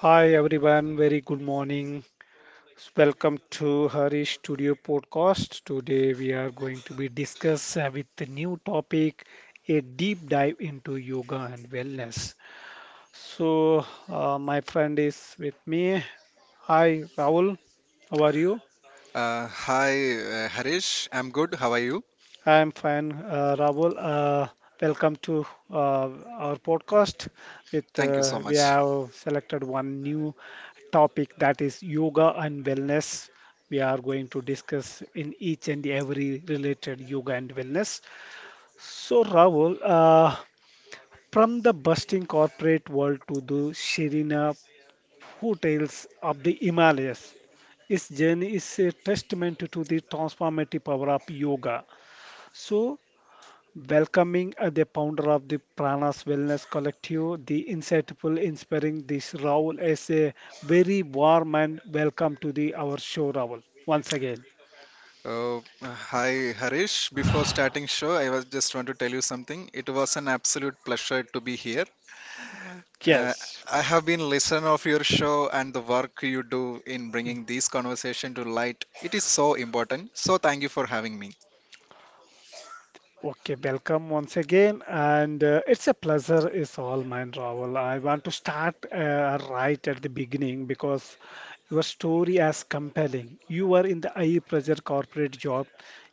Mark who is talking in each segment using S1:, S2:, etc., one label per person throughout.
S1: Hi everyone, very good morning. Welcome to Harish Studio Podcast. Today we are going to be discuss with the new topic, a deep dive into yoga and wellness. So my friend is with me. Hi Rahul, how are you?
S2: Hi, Harish. I'm good. How are you?
S1: I'm fine, Rahul. Welcome to our podcast. With
S2: Thank you so
S1: We
S2: much.
S1: have selected one new topic, that is yoga and wellness. We are going to discuss in each and every related yoga and wellness. So, Rahul, from the bustling corporate world to the Sherina hotels of the Himalayas, its journey is a testament to the transformative power of yoga. So, welcoming the founder of the Pranas Wellness Collective, the insightful, inspiring this Raul is a very warm and welcome to the our show, Raul. Once again,
S2: Oh, Hi, Harish. Before starting show, I was just want to tell you something. It was an absolute pleasure to be here. Uh,
S1: yes.
S2: I have been listener of your show and the work you do in bringing this conversation to light. It is so important. So thank you for having me.
S1: Okay, welcome once again, and it's a pleasure. It's all mine, Raul. I want to start right at the beginning because your story is compelling. You were in the high pressure corporate job,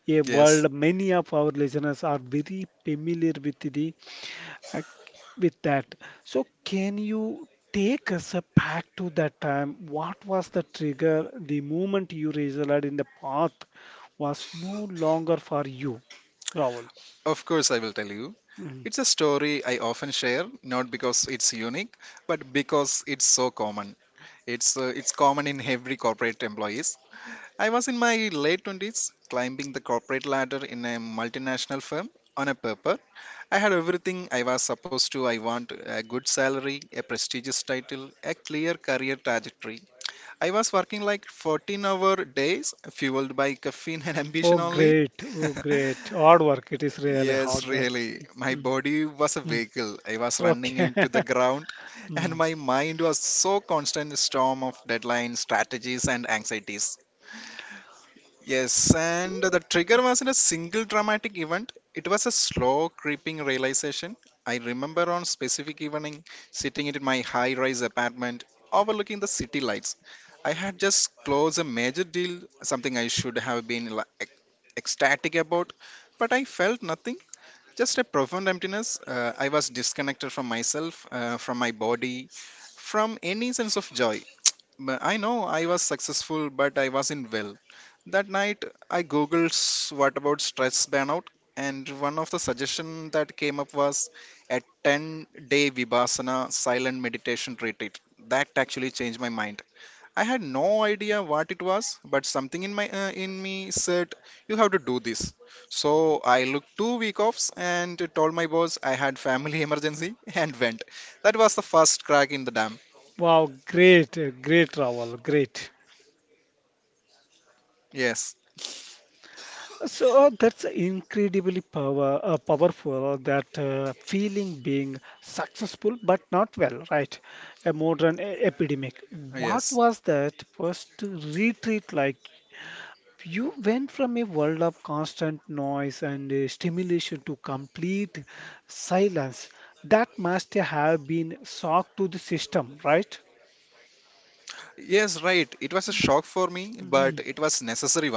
S1: a
S2: Yes,
S1: world many of our listeners are very familiar with the uh, with that. So, can you take us back to that time? What was the trigger? The moment you realized in the path was no longer for you, Rahul.
S2: of course I will tell you.
S1: Mm.
S2: It's a story I often share, not because it's unique, but because it's so common. It's common in every corporate employees. I was in my late 20s, climbing the corporate ladder in a multinational firm on a paper. I had everything I was supposed to. I want a good salary, a prestigious title, a clear career trajectory. I was working like 14-hour days, fueled by caffeine and
S1: Oh,
S2: ambition only.
S1: great. Oh, great. Hard work. It is really
S2: Yes,
S1: hard work.
S2: really. My
S1: Mm.
S2: body was a
S1: Mm.
S2: vehicle. I was running
S1: Okay.
S2: into the ground, and
S1: Mm.
S2: my mind was so constant storm of deadlines, strategies, and anxieties. Yes, and the trigger wasn't a single dramatic event. It was a slow, creeping realization. I remember on specific evening, sitting in my high-rise apartment, overlooking the city lights. I had just closed a major deal, something I should have been like, ecstatic about, but I felt nothing. Just a profound emptiness. I was disconnected from myself, from my body, from any sense of joy. But I know I was successful, but I wasn't well. That night, I googled what about stress burnout, and one of the suggestions that came up was a 10-day day Vipassana silent meditation retreat. That actually changed my mind. I had no idea what it was, but something in me said you have to do this. So I looked 2 week offs and told my boss I had family emergency and went. That was the first crack in the dam.
S1: Wow, great, great, Rahul, great.
S2: Yes,
S1: So that's incredibly powerful, that feeling being successful but not well, right? A modern epidemic. What
S2: yes.
S1: was that first retreat like? You went from a world of constant noise and stimulation to complete silence. That must have been shock to the system, right?
S2: Yes, right. It was a shock for me, but it
S1: Mhm.
S2: was necessary one.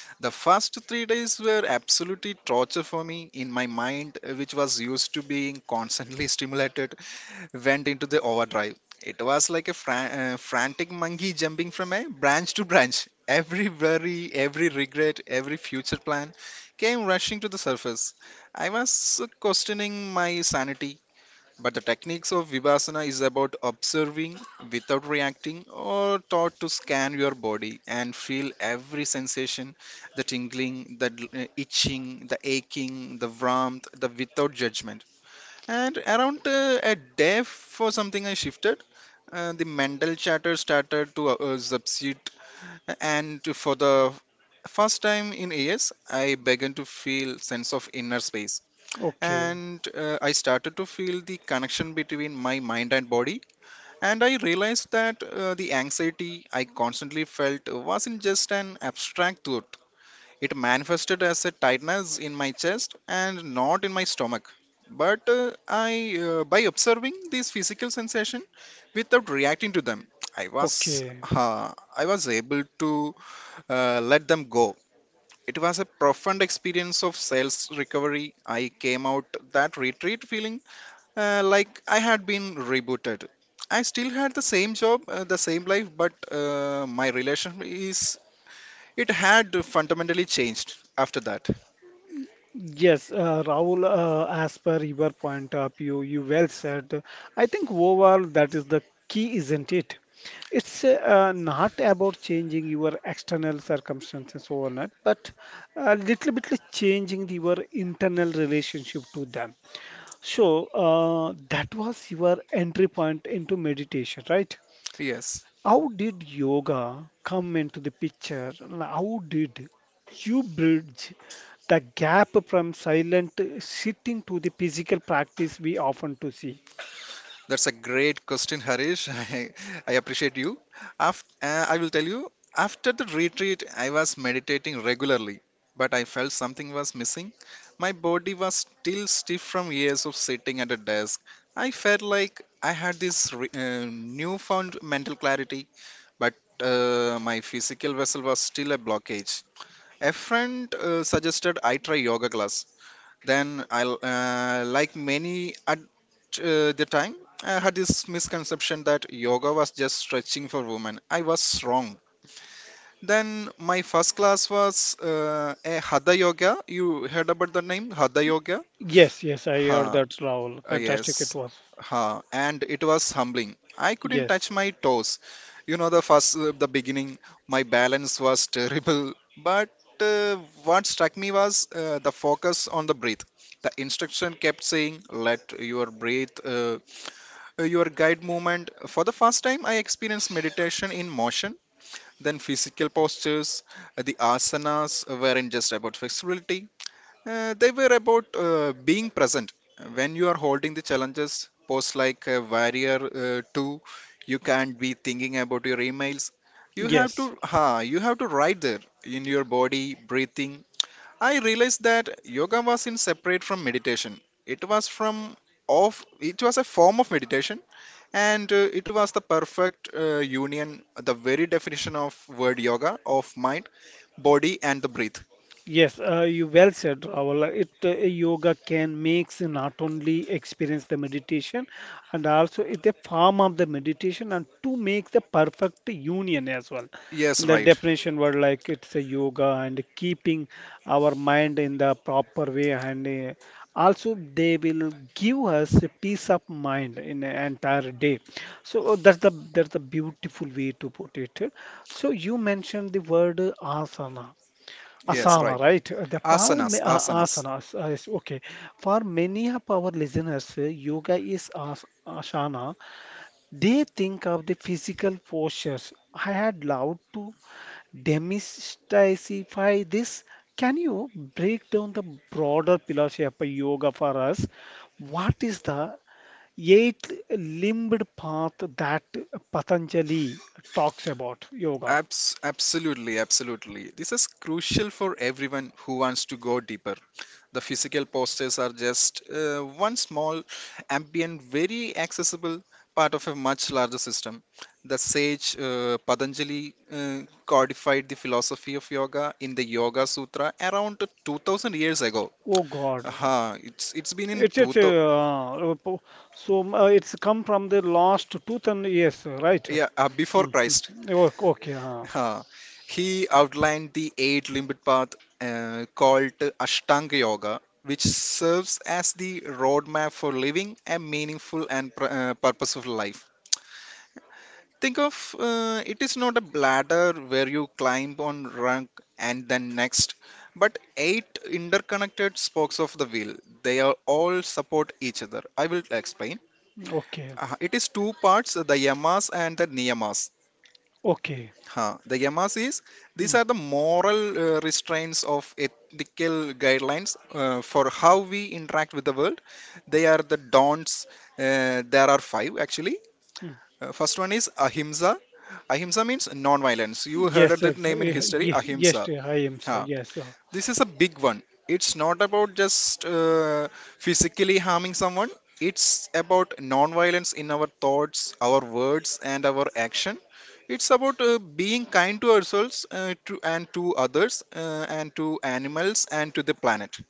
S2: The first 3 days were absolutely torture for me in my mind, which was used to being constantly stimulated. Went into the overdrive. It was like a frantic monkey jumping from a branch to branch. Every worry, every regret, every future plan came rushing to the surface. I was questioning my sanity, but the techniques of Vipassana is about observing without reacting or taught to scan your body and feel every sensation the tingling, the itching, the aching, the warmth, the without judgment. And around a day for something I shifted, the mental chatter started to subside, and for the first time in years, I began to feel sense of inner space,
S1: Okay,
S2: and I started to feel the connection between my mind and body, and I realized that the anxiety I constantly felt wasn't just an abstract thought. It manifested as a tightness in my chest and not in my stomach. By observing these physical sensation without reacting to them, I was,
S1: okay.
S2: I was able to let them go. It was a profound experience of sales recovery. I came out that retreat feeling like I had been rebooted. I still had the same job, the same life, but my relationship is it had fundamentally changed after that.
S1: Yes, Rahul, as per your point of view, you well said. I think overall that is the key, isn't it? It's not about changing your external circumstances overnight, but a little bit like changing your internal relationship to them. So that was your entry point into meditation, right?
S2: Yes,
S1: How did yoga come into the picture? And how did you bridge the gap from silent sitting to the physical practice we often to see?
S2: that's a great question, Harish. I appreciate you. I will tell you, after the retreat, I was meditating regularly, but I felt something was missing. My body was still stiff from years of sitting at a desk. I felt like I had this newfound mental clarity, but my physical vessel was still a blockage. A friend suggested I try yoga class. Then like many at the time I had this misconception that yoga was just stretching for women. I was wrong. Then my first class was a Hatha yoga. You heard about the name Hatha yoga?
S1: Yes, yes, I
S2: Ha
S1: heard that, Rahul.
S2: Yes,
S1: Fantastic it was.
S2: huh. And it was humbling. I couldn't touch
S1: Yes,
S2: my toes. You know, the beginning, my balance was terrible. But uh, what struck me was the focus on the breath. The instruction kept saying, "Let your breath, your guide movement." For the first time, I experienced meditation in motion. Then physical postures, the asanas weren't just about flexibility; they were about being present when you are holding the challenges post like warrior 2, you can't be thinking about your emails.
S1: yes.
S2: You have to right there in your body breathing. I realized that yoga was in separate from meditation. it was from it was a form of meditation, and it was the perfect union, the very definition of word yoga, of mind, body and the breath.
S1: Yes, you well said, Rahul. It Yoga can makes not only experience the meditation, and also it's a form of the meditation and to make the perfect union as well. In
S2: Yes,
S1: the
S2: right.
S1: definition word like it's a yoga and keeping our mind in the proper way, and also they will give us a peace of mind in the entire day. So that's the beautiful way to put it. So you mentioned the word asana.
S2: Yes, right.
S1: Asana, right? The
S2: Asanas, asanas.
S1: asana is okay. For many of our listeners, yoga is as asana. They think of the physical postures. I had loved to demystify this. Can you break down the broader philosophy of yoga for us? What is the eight-limbed path that Patanjali talks about yoga?
S2: Absolutely, absolutely. This is crucial for everyone who wants to go deeper. The physical postures are just one small, ambient, very accessible part of a much larger system. The sage Patanjali codified the philosophy of yoga in the Yoga Sutra around 2000 years ago.
S1: Oh God,
S2: Aha, it's been in
S1: It's it's
S2: 2000,
S1: uh, uh, po- so it's come from the last 2000 years, right?
S2: yeah, before
S1: Mm,
S2: Christ.
S1: mm. Okay,
S2: Huh. He outlined the eight limbed path called Ashtanga Yoga, which serves as the roadmap for living a meaningful and purposeful life. Think of it is not a bladder where you climb on rank and then next, but eight interconnected spokes of the wheel. They are all support each other. I will explain.
S1: okay,
S2: It is two parts, the yamas and the niyamas.
S1: okay.
S2: Huh. The yamas is these
S1: Mm,
S2: are the moral restraints of ethical guidelines for how we interact with the world. They are the don'ts. There are five actually.
S1: mm.
S2: First one is ahimsa. Ahimsa means non-violence. You heard of
S1: Yes,
S2: the
S1: yes,
S2: name in history, ahimsa.
S1: yes, I am, sir.
S2: Ha
S1: Yes,
S2: This is a big one. It's not about just physically harming someone. It's about non-violence in our thoughts, our words and our action. It's about being kind to ourselves, and to others, and to animals and to the planet.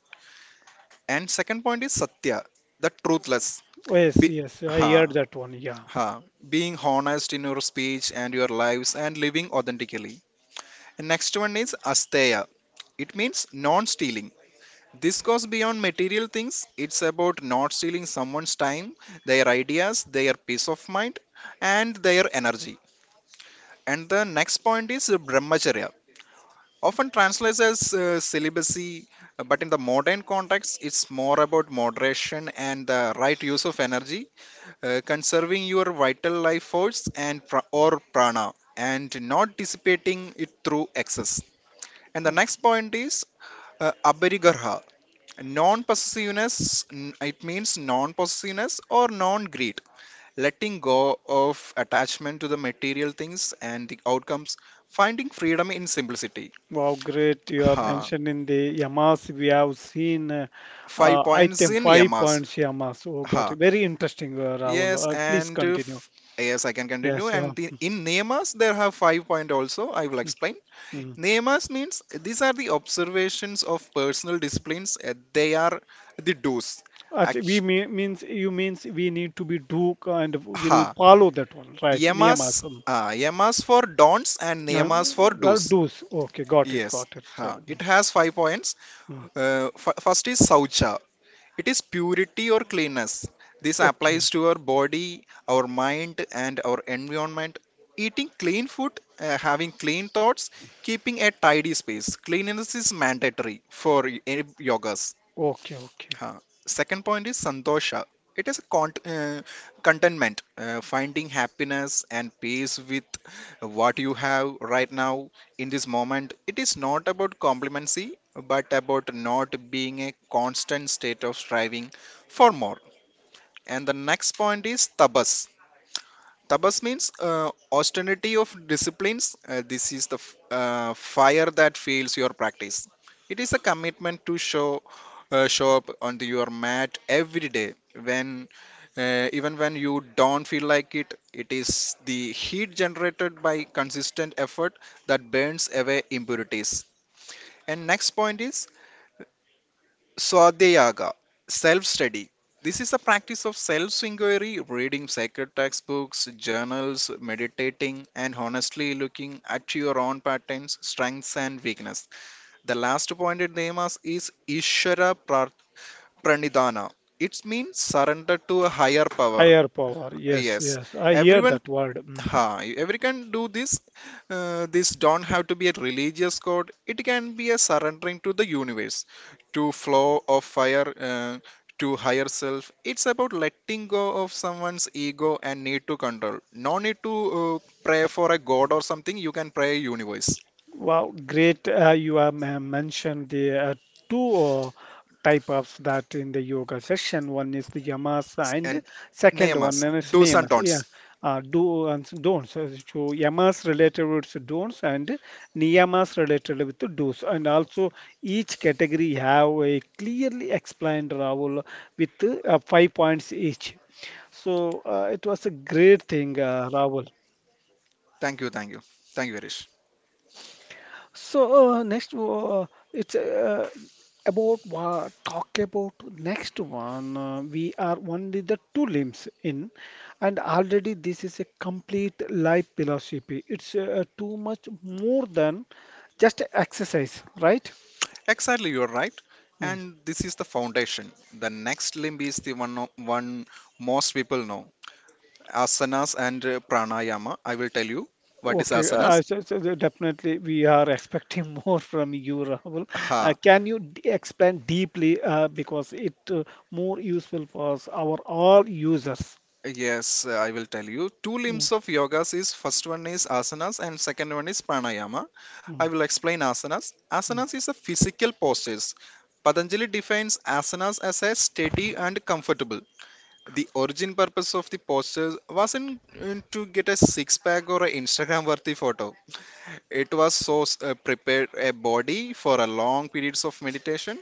S2: And second point is satya, the truthless.
S1: yes,
S2: Be-
S1: yes, I heard
S2: ha,
S1: that one. Yeah.
S2: ha, Being honest in your speech and your lives and living authentically. And next one is asteya. It means non-stealing. This goes beyond material things. It's about not stealing someone's time, their ideas, their peace of mind, and their energy. And the next point is brahmacharya. Often translates as celibacy, but in the modern context, it's more about moderation and the right use of energy, conserving your vital life force and pra- or prana, and not dissipating it through excess. And the next point is abharigarha, non-possessiveness. It means non-possessiveness or non-greed, letting go of attachment to the material things and the outcomes, finding freedom in simplicity.
S1: Wow, great. You have
S2: Ha
S1: mentioned in the Yamas, we have seen
S2: five points
S1: item
S2: in
S1: five
S2: yamas.
S1: points Yamas. Oh, got
S2: Ha
S1: it. Very interesting,
S2: yes
S1: Rahul. Please
S2: and
S1: continue.
S2: if, Yes, I can continue.
S1: Yes,
S2: In niyamas there have 5 point also, I will explain.
S1: mm.
S2: Niyamas means these are the observations of personal disciplines. They are the do's.
S1: Actually, we
S2: Act-
S1: mean, means you means we need to be do and will
S2: ha
S1: follow that one, right?
S2: Yamas,
S1: Niyamas.
S2: yamas for don'ts and
S1: Uh,
S2: yamas for
S1: well,
S2: do's.
S1: do's. Okay, got it,
S2: Yes,
S1: got it. So,
S2: huh.
S1: mm,
S2: It has 5 points.
S1: mm.
S2: First is saucha. It is purity or cleanness. This
S1: Okay,
S2: applies to our body, our mind, and our environment. Eating clean food, having clean thoughts, keeping a tidy space. Cleanliness is mandatory for any yogas.
S1: okay, okay.
S2: Huh. Second point is santosha. It is a contentment, finding happiness and peace with what you have right now in this moment. It is not about complacency, but about not being a constant state of striving for more. And the next point is tapas. Tapas means austerity of disciplines. This is the fire that fuels your practice. It is a commitment to show show up on the- your mat every day. When Even when you don't feel like it is the heat generated by consistent effort that burns away impurities. And next point is Swadhyayaga, self study. This is a practice of self inquiry, reading sacred textbooks, journals, meditating, and honestly looking at your own patterns, strengths, and weakness. The last point it is Ishvara Pranidhana. It means surrender to a higher power.
S1: Higher power. Yes,
S2: Yes,
S1: yes. I hear
S2: everyone
S1: that word. Mm.
S2: Every can do this. This don't have to be a religious code. It can be a surrendering to the universe, to flow of fire, to higher self. It's about letting go of someone's ego and need to control. No need to uh, pray for a god or something. You can pray universe
S1: Wow, great. You have mentioned the two type of that in the yoga session. One is the yamas, and
S2: and
S1: second
S2: name
S1: one
S2: us.
S1: is
S2: Do's and
S1: niyamas. Yeah,
S2: don'ts.
S1: do and don'ts. So so yamas related with the don'ts and niyamas related with the do's. And also each category have a clearly explained Rahul with 5 points each. So it was a great thing, Rahul.
S2: Thank you, thank you, thank you, Harish.
S1: So next, it's about what talk about next one. We are only the two limbs in, and already this is a complete life philosophy. It's too much more than just exercise, right?
S2: Exactly, you're right.
S1: Mm.
S2: And this is the foundation. The next limb is the one, most people know, asanas and pranayama. I will tell you what is
S1: Okay, uh,
S2: asanas.
S1: so, so the- definitely we are expecting more from you, Rahul.
S2: Ha
S1: Can you d explain deeply because it more useful for us, our all users?
S2: Yes, I will tell you two
S1: Mm,
S2: limbs of yogas is first one is asanas and second one is pranayama. I
S1: mm.
S2: will explain asanas.
S1: Mm.
S2: Asanas is a physical postures. Patanjali defines asanas as a steady and comfortable, the origin purpose of the postures wasn't to get a six pack or an Instagram worthy photo. It was so prepared a body for a long periods of meditation.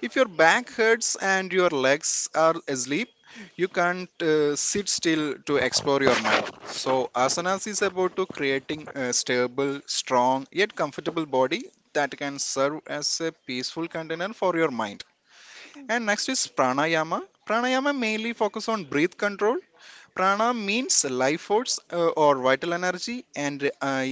S2: If your back hurts and your legs are asleep, you can't sit still to explore your mind. So asanas is about to creating a stable, strong yet comfortable body that can serve as a peaceful container for your mind. And next is pranayama. Pranayama mainly focus on breath control. Prana means life force or vital energy, and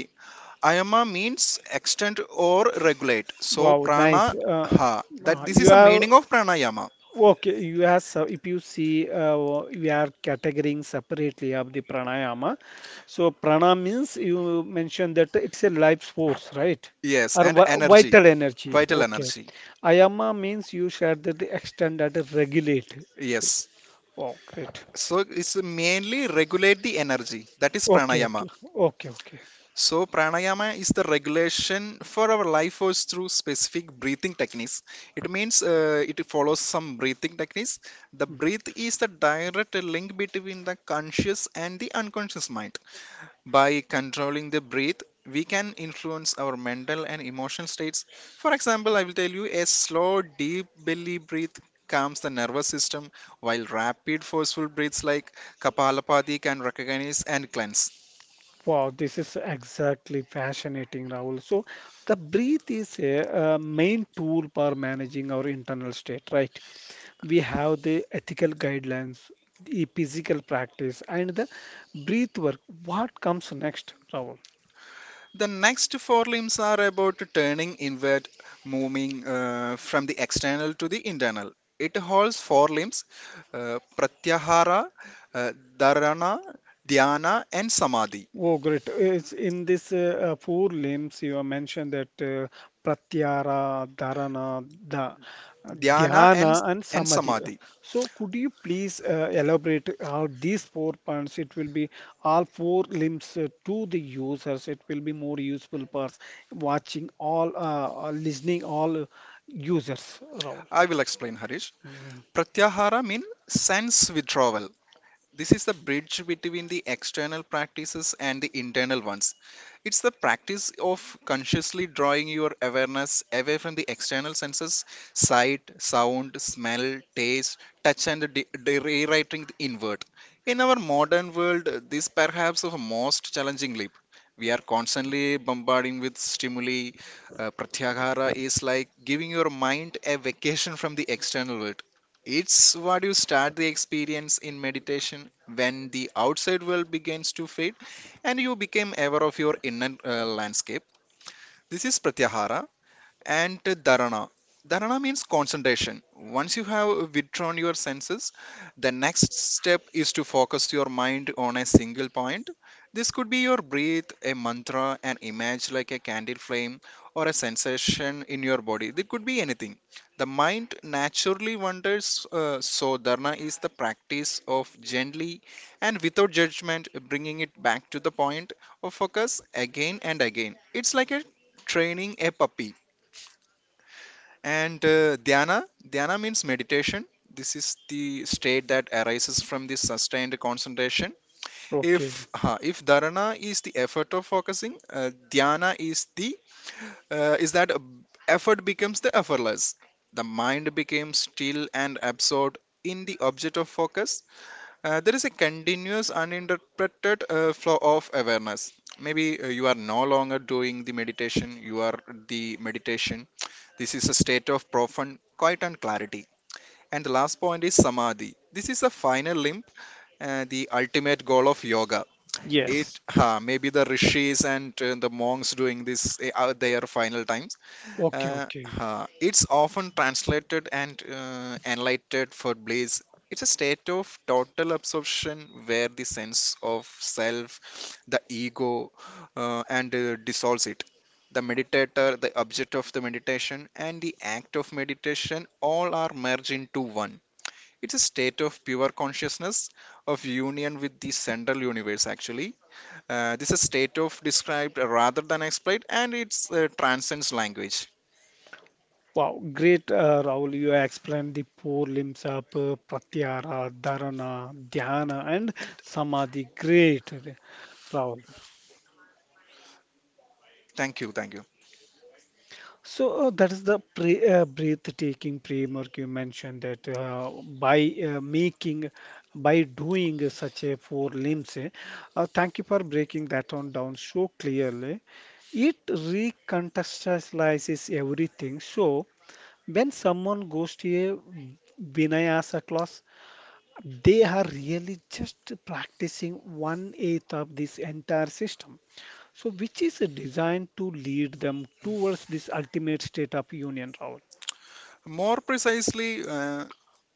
S2: Ayama means extend or regulate. So
S1: Wow, nice.
S2: prana, ha that this
S1: You
S2: is a
S1: have
S2: meaning of pranayama.
S1: okay. You have so if you see, we are categorizing separately of the pranayama. So prana means you mentioned that it's a life force, right?
S2: Yes,
S1: Or
S2: and energy,
S1: vital energy.
S2: vital
S1: Okay.
S2: energy.
S1: Ayama means you said that the extend that regulate. So,
S2: Yes.
S1: wow, great.
S2: So it's mainly regulate the energy. That is
S1: Okay,
S2: pranayama.
S1: okay, okay, okay.
S2: So pranayama is the regulation for our life force through specific breathing techniques. It means it follows some breathing techniques. The breath is the direct link between the conscious and the unconscious mind. By controlling the breath, we can influence our mental and emotional states. For example, I will tell you a slow, deep belly breath calms the nervous system, while rapid, forceful breaths like Kapalapati can recognize and cleanse.
S1: Wow, this is exactly fascinating, Rahul. So, the breath is a, main tool for managing our internal state, right? We have the ethical guidelines, the physical practice, and the breath work. What comes next, Rahul?
S2: The next four limbs are about turning inward, moving from the external to the internal. It holds four limbs, Pratyahara, uh, Dharana, Dhyana, and Samadhi.
S1: Oh, great. It's in this four limbs you have mentioned that pratyahara,
S2: Dhyana and,
S1: dhyana, and
S2: and
S1: samadhi.
S2: Samadhi.
S1: So, could you please elaborate how these four points it will be all four limbs to the users? It will be more useful for watching all, listening all users. Rahul.
S2: I will explain, Harish.
S1: Mm.
S2: Pratyahara means sense withdrawal, this is the bridge between the external practices and the internal ones. It's the practice of consciously drawing your awareness away from the external senses, sight, sound, smell, taste, touch, and rewriting the inward. In our modern world, this perhaps is the most challenging leap. We are constantly bombarding with stimuli. Pratyahara is like giving your mind a vacation from the external world. It's what you start the experience in meditation when the outside world begins to fade and you become aware of your inner landscape. This is Pratyahara, and dharana. Dharana means concentration. Once you have withdrawn your senses, the next step is to focus your mind on a single point. This could be your breath, a mantra, an image like a candle flame, or a sensation in your body. It could be anything. The mind naturally wanders, so dharana is the practice of gently and without judgment bringing it back to the point of focus again and again. It's like a training a puppy. And dhyana, Dhyana means meditation. This is the state that arises from this sustained concentration.
S1: Okay.
S2: If dharana is the effort of focusing, dhyana is the is that effort becomes the effortless. The mind becomes still and absorbed in the object of focus. There is a continuous uninterrupted flow of awareness. Maybe you are no longer doing the meditation, you are the meditation. This is a state of profound quiet and clarity. And the last point is samadhi. This is the final limb, the ultimate goal of yoga.
S1: Yes.
S2: It maybe the rishis and the monks doing this at their final times,
S1: Okay. Okay.
S2: huh. It's often translated and enlightened for bliss. It's a state of total absorption where the sense of self, the ego, and dissolves it. The meditator, the object of the meditation, and the act of meditation all are merged into one. It's a state of pure consciousness, of union with the central universe, actually. This is a state of described rather than explained, and it transcends language.
S1: Wow, great, Rahul. You explained the four limbs of Pratyahara, Dharana, Dhyana, and Samadhi. Great, Rahul.
S2: Thank you, thank you.
S1: So that is the pre breathtaking framework you mentioned that by uh, making, by doing such a four limbs. Thank you for breaking that one down so clearly. It recontextualizes everything. So when someone goes to a Vinyasa class, they are really just practicing one eighth of this entire system. So, which is designed to lead them towards this ultimate state of union, Rahul?
S2: More precisely,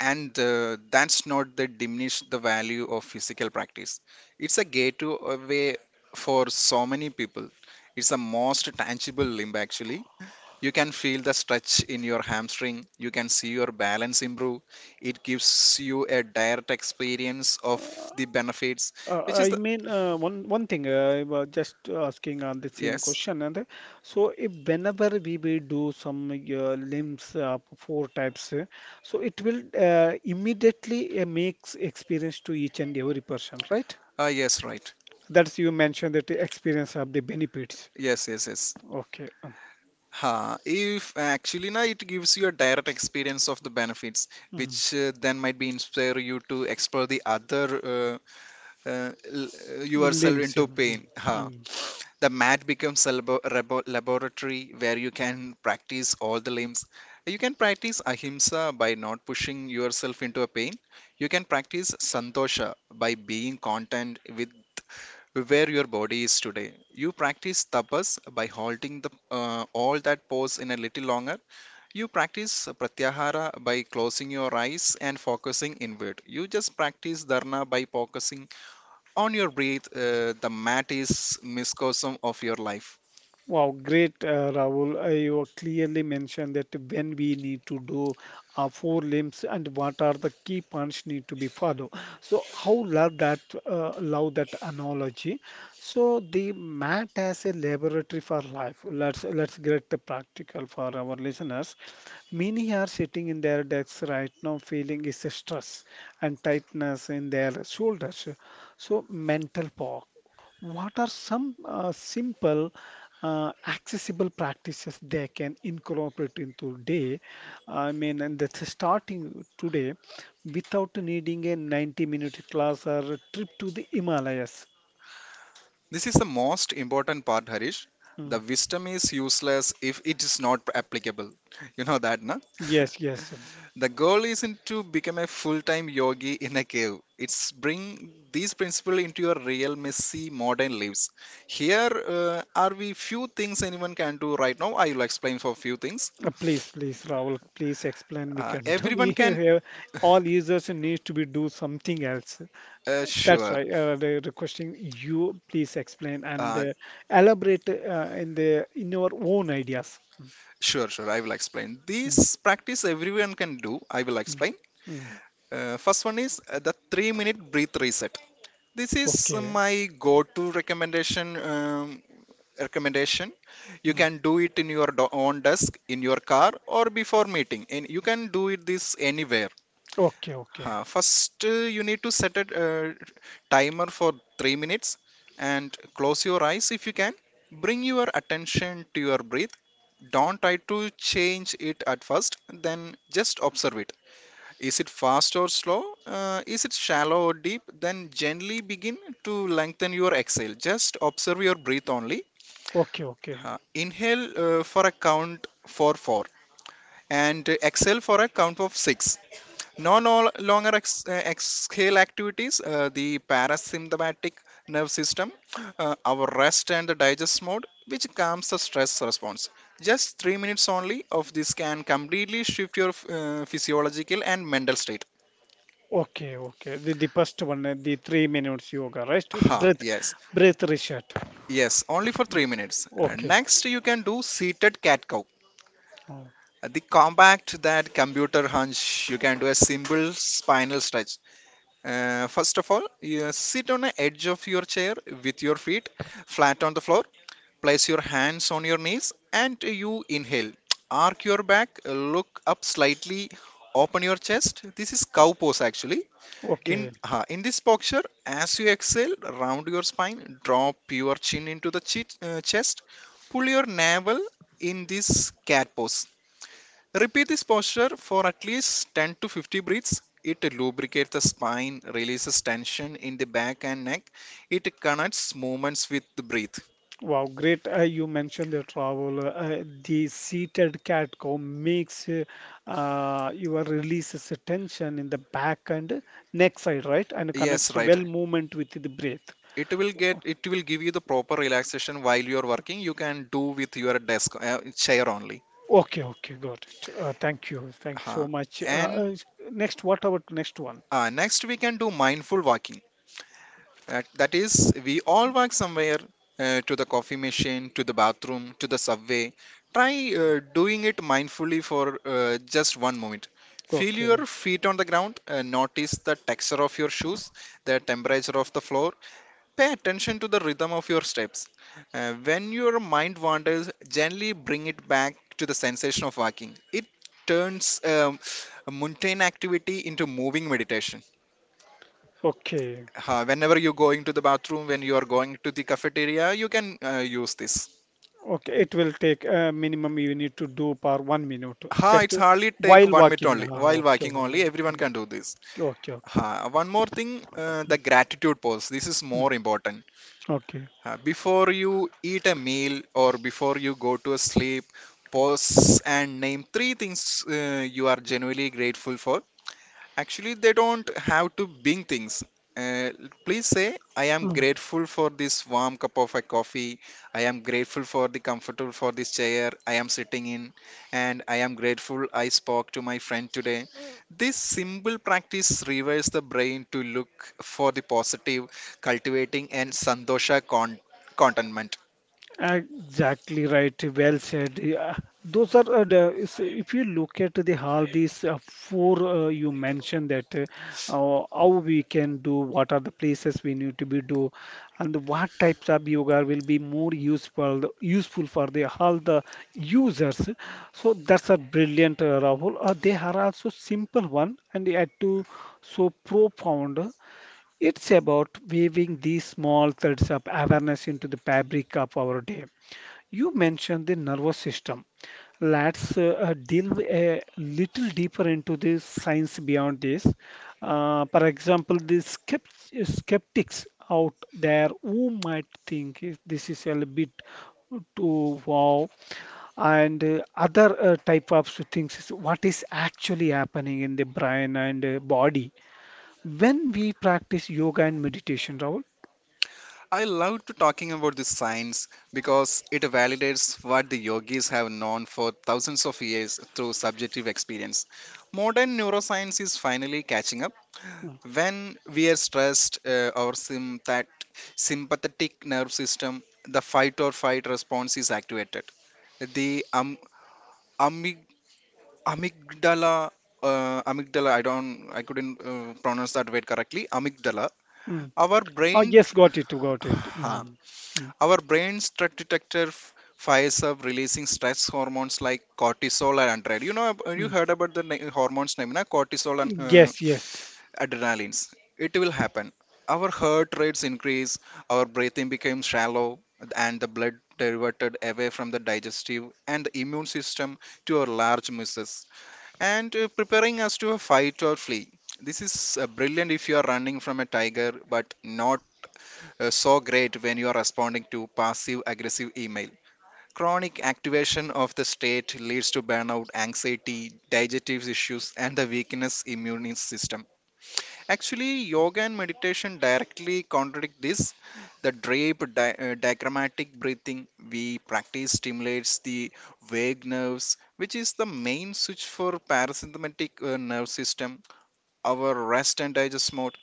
S2: and that's not the diminish the value of physical practice. It's a gateway for so many people. It's the most tangible limb actually. You can feel the stretch in your hamstring. You can see your balance improve. It gives you a direct experience of the benefits,
S1: Uh,
S2: which is
S1: I
S2: the.
S1: mean, uh, one one thing I was just asking on the same
S2: Yes.
S1: question, and so if whenever we will do some limbs four types, so it will immediately makes experience to each and every person, right?
S2: Yes, right.
S1: That's you mentioned that the experience of the benefits.
S2: Yes, yes, yes.
S1: Okay.
S2: Huh. If actually na it gives you a direct experience of the benefits,
S1: Mh.
S2: which then might be inspire you to explore the other
S1: Il
S2: yourself
S1: Lazio,
S2: into
S1: mh,
S2: pain. Huh.
S1: mh.
S2: The mat becomes a laboratory where you can practice all the limbs. You can practice ahimsa by not pushing yourself into a pain. You can practice santosha by being content with where your body is today. You practice tapas by halting the all that pose in a little longer. You practice pratyahara by closing your eyes and focusing inward. You just practice dharana by focusing on your breath. The mat is microcosm of your life.
S1: Wow, great, Rahul. You clearly mentioned that when we need to do four limbs and what are the key points need to be followed. So, how love that analogy. So, the mat as a laboratory for life. Let's get the practical for our listeners. Many are sitting in their desks right now, feeling is a stress and tightness in their shoulders. So, mental power. What are some simple accessible practices they can incorporate into day? I mean and that's starting today without needing a 90-minute class or a trip to the Himalayas.
S2: This is the most important part, Harish. The
S1: Mm.
S2: wisdom is useless if it is not applicable. You know that, na?
S1: Yes, yes. Um,
S2: The goal isn't to become a full-time yogi in a cave. It's bring these principles into your real messy modern lives. Here are we few things anyone can do right now. I will explain for few things.
S1: please, please, Rahul, please explain. We can do.
S2: Everyone
S1: We
S2: can,
S1: have, all users need to be do something else. That's
S2: sure,
S1: why they're requesting you please explain and
S2: uh,
S1: elaborate in your own ideas. Mm,
S2: sure, sure, I will explain. This
S1: mm,
S2: practice everyone can do. I will
S1: mm,
S2: explain.
S1: mm.
S2: First one is the 3-minute breath reset. This is
S1: Okay.
S2: my go-to recommendation. Recommendation you
S1: Mm.
S2: can do it in your own desk, in your car, or before meeting, and you can do it this. Anywhere
S1: Okay, okay,
S2: Huh. First, you need to set a timer for 3 minutes and close your eyes if you can, bring your attention to your breath, don't try to change it at first, then just observe it, is it fast or slow, is it shallow or deep, then gently begin to lengthen your exhale, just observe your breath only,
S1: okay, okay,
S2: inhale for a count for 4 and exhale for a count of 6. No, exhale activities, the parasympathetic nerve system, our rest and the digest mode, which calms the stress response. Just 3 minutes only of this can completely shift your physiological and mental state.
S1: okay, okay. The first one, the 3 minutes yoga, right? Breath,
S2: Yes,
S1: breath reset.
S2: yes, only for 3 minutes.
S1: Okay.
S2: Next, you can do seated cat cow.
S1: Oh,
S2: The compact that computer hunch, you can do a simple spinal stretch. First of all, you sit on the edge of your chair with your feet flat on the floor. Place your hands on your knees and you inhale. Arc your back, look up slightly, open your chest. This is cow pose actually.
S1: okay.
S2: In this posture, as you exhale, round your spine, drop your chin into the chest, pull your navel in this cat pose. Repeat this posture for at least 10 to 50 breaths. It lubricates the spine, releases tension in the back and neck. It connects movements with the breath.
S1: Wow, great. You mentioned the travel. The seated cat cow makes your releases the tension in the back and neck side, right? And connects
S2: Yes,
S1: the
S2: right.
S1: well movement with the breath.
S2: It will give you the proper relaxation while you are working. You can do with your desk chair only.
S1: Okay, okay, got it. Thank you. Thank you so
S2: Huh.
S1: much.
S2: And
S1: Next, what about next one?
S2: next we can do mindful walking. That is, we all walk somewhere, to the coffee machine, to the bathroom, to the subway. Try doing it mindfully for just one moment. Feel
S1: Okay,
S2: your feet on the ground, notice the texture of your shoes, the temperature of the floor. Pay attention to the rhythm of your steps. When your mind wanders, gently bring it back to the sensation of walking. It turns a mundane activity into moving meditation.
S1: okay.
S2: Whenever you're going to the bathroom, when you are going to the cafeteria, you can use this.
S1: Okay, it will take minimum you need to do per 1 minute just
S2: It's
S1: to,
S2: hardly take
S1: while
S2: 1 minute
S1: walking.
S2: only.
S1: Ah,
S2: While
S1: okay,
S2: walking
S1: ah,
S2: only, everyone can do this.
S1: okay, okay.
S2: One more thing, the gratitude pose. This is
S1: Mm,
S2: more important.
S1: okay.
S2: Before you eat a meal or before you go to a sleep, pause and name three things you are genuinely grateful for. Actually, they don't have to bring things. Uh, Please say, I am
S1: Hmm.
S2: grateful for this warm cup of a coffee. I am grateful for the comfortable for this chair I am sitting in. And I am grateful I spoke to my friend today. This simple practice rewires the brain to look for the positive, cultivating and sandosha, contentment.
S1: Exactly right. Well said. Yeah. Those are if you look at the how these four you mentioned that how we can do, what are the places we need to be do, and what types of yoga will be more useful for the all the users. So that's a brilliant, Rahul. They are also simple one and yet to so profound. It's about weaving these small threads of awareness into the fabric of our day. You mentioned the nervous system. Let's delve a little deeper into the science beyond this. For example, the skeptics out there who might think this is a little bit too wow and other type of things is what is actually happening in the brain and body when we practice yoga and meditation, Rahul?
S2: I love to talking about this science because it validates what the yogis have known for thousands of years through subjective experience. Modern neuroscience is finally catching up.
S1: Mm.
S2: When we are stressed, our sym- that sympathetic nerve system, the fight or flight response is activated. The amyg- amygdala, amygdala, I don't, I couldn't pronounce that word correctly. Amygdala.
S1: Mm.
S2: Our
S1: Oh,
S2: brain,
S1: yes, got it, got it. Mm. Mm.
S2: our brain stress detector fires up, releasing stress hormones like cortisol and adrenaline. You know, you
S1: Mm.
S2: heard about the hormones name, na? Cortisol and
S1: Yes, yes.
S2: adrenalines. It will happen. Our heart rates increase, our breathing becomes shallow, and the blood diverted away from the digestive and the immune system to our large muscles and preparing us to a fight or flee. This is brilliant if you are running from a tiger, but not so great when you are responding to passive aggressive email. Chronic activation of the state leads to burnout, anxiety, digestive issues, and the weakness immune system. Actually, yoga and meditation directly contradict this. The diagrammatic breathing we practice stimulates the vague nerves, which is the main switch for parasympathetic nerve system, our rest and digest mode.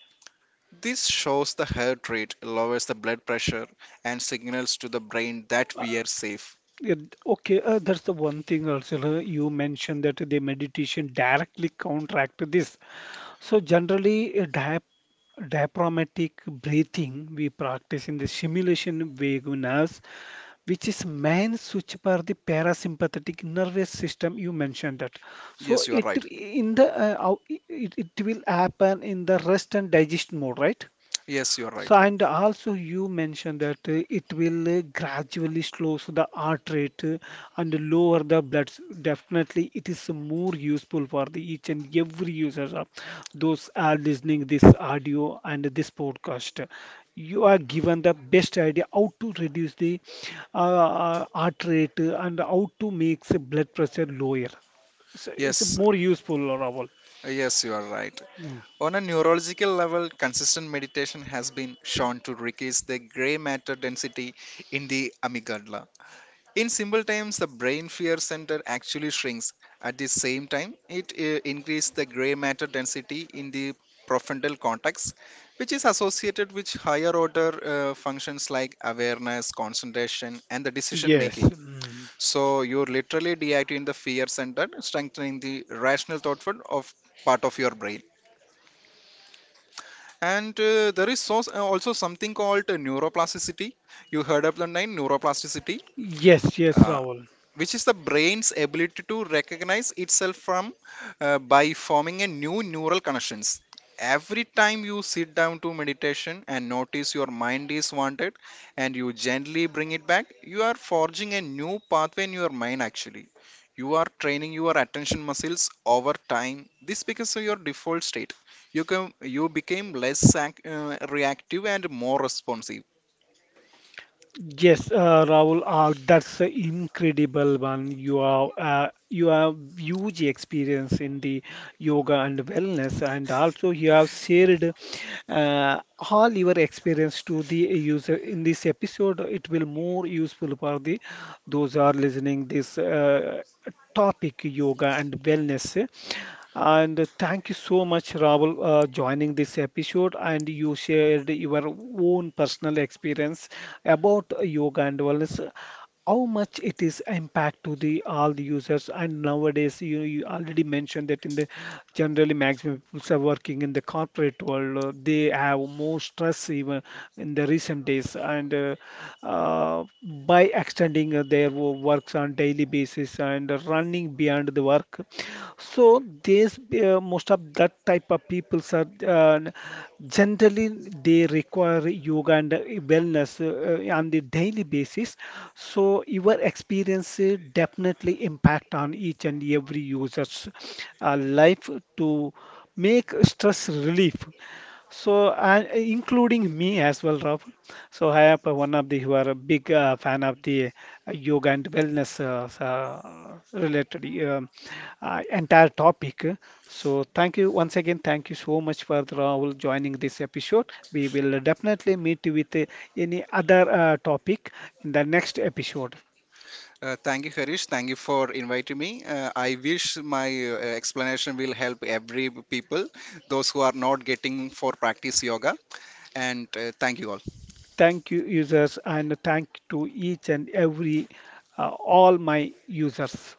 S2: This shows the heart rate, lowers the blood pressure, and signals to the brain that
S1: Uh,
S2: we are safe.
S1: yeah. Okay, that's the one thing also. You mentioned that the meditation directly counteract this. So generally, diaphragmatic breathing we practice in the simulation vagus nerves, which is main switch for the parasympathetic nervous system, you mentioned that. So
S2: Yes, you are
S1: it
S2: right.
S1: in the it, it will happen in the rest and digest mode, right?
S2: Yes, you are
S1: So,
S2: right.
S1: and also you mentioned that it will gradually slow so the heart rate and lower the blood. Definitely, it is more useful for the each and every users of those are listening this audio and this podcast. You are given the best idea how to reduce the heart rate and how to make the blood pressure lower. So it's
S2: Yes,
S1: more useful, Rahul.
S2: yes, you are right.
S1: Mm.
S2: On a neurological level, consistent meditation has been shown to reduce the gray matter density in the amygdala. In simple terms, the brain fear center actually shrinks. At the same time, it increases the gray matter density in the prefrontal cortex, which is associated with higher order functions like awareness, concentration, and the decision
S1: Yes,
S2: making.
S1: mm.
S2: So you're literally deactivating the fear center, strengthening the rational thought front of part of your brain. And there is so, also something called neuroplasticity. You heard of the name neuroplasticity.
S1: Yes, yes,
S2: Uh,
S1: Rahul.
S2: which is the brain's ability to recognize itself from, by forming a new neural connections, every time you sit down to meditation and notice your mind is wanted and you gently bring it back, you are forging a new pathway in your mind actually. You are training your attention muscles, over time this becomes your default state. You became less reactive and more responsive.
S1: Yes, Rahul, that's an incredible one. You are you have huge experience in the yoga and wellness, and also you have shared uh, all your experience to the user in this episode. It will more useful for the those are listening this topic yoga and wellness. And thank you so much, Rahul, joining this episode. And you shared your own personal experience about yoga and wellness. How much it is impact to the all the users, and nowadays you you already mentioned that in the generally maximum people are working in the corporate world, they have more stress even in the recent days, and by extending their works on daily basis and running beyond the work. So this most of that type of peoples are generally they require yoga and wellness on the daily basis. So your experience definitely impact on each and every user's life to make stress relief. So, and including me as well, Rahul. So, I am one of the who are a big fan of the yoga and wellness related entire topic. So, thank you once again. Thank you so much for Rahul joining this episode. We will definitely meet with any other topic in the next episode.
S2: Thank you, Harish. Thank you for inviting me. I wish my explanation will help every people, those who are not getting for practice yoga. And thank you all.
S1: Thank you, users, and thank to each and every uh, all my users.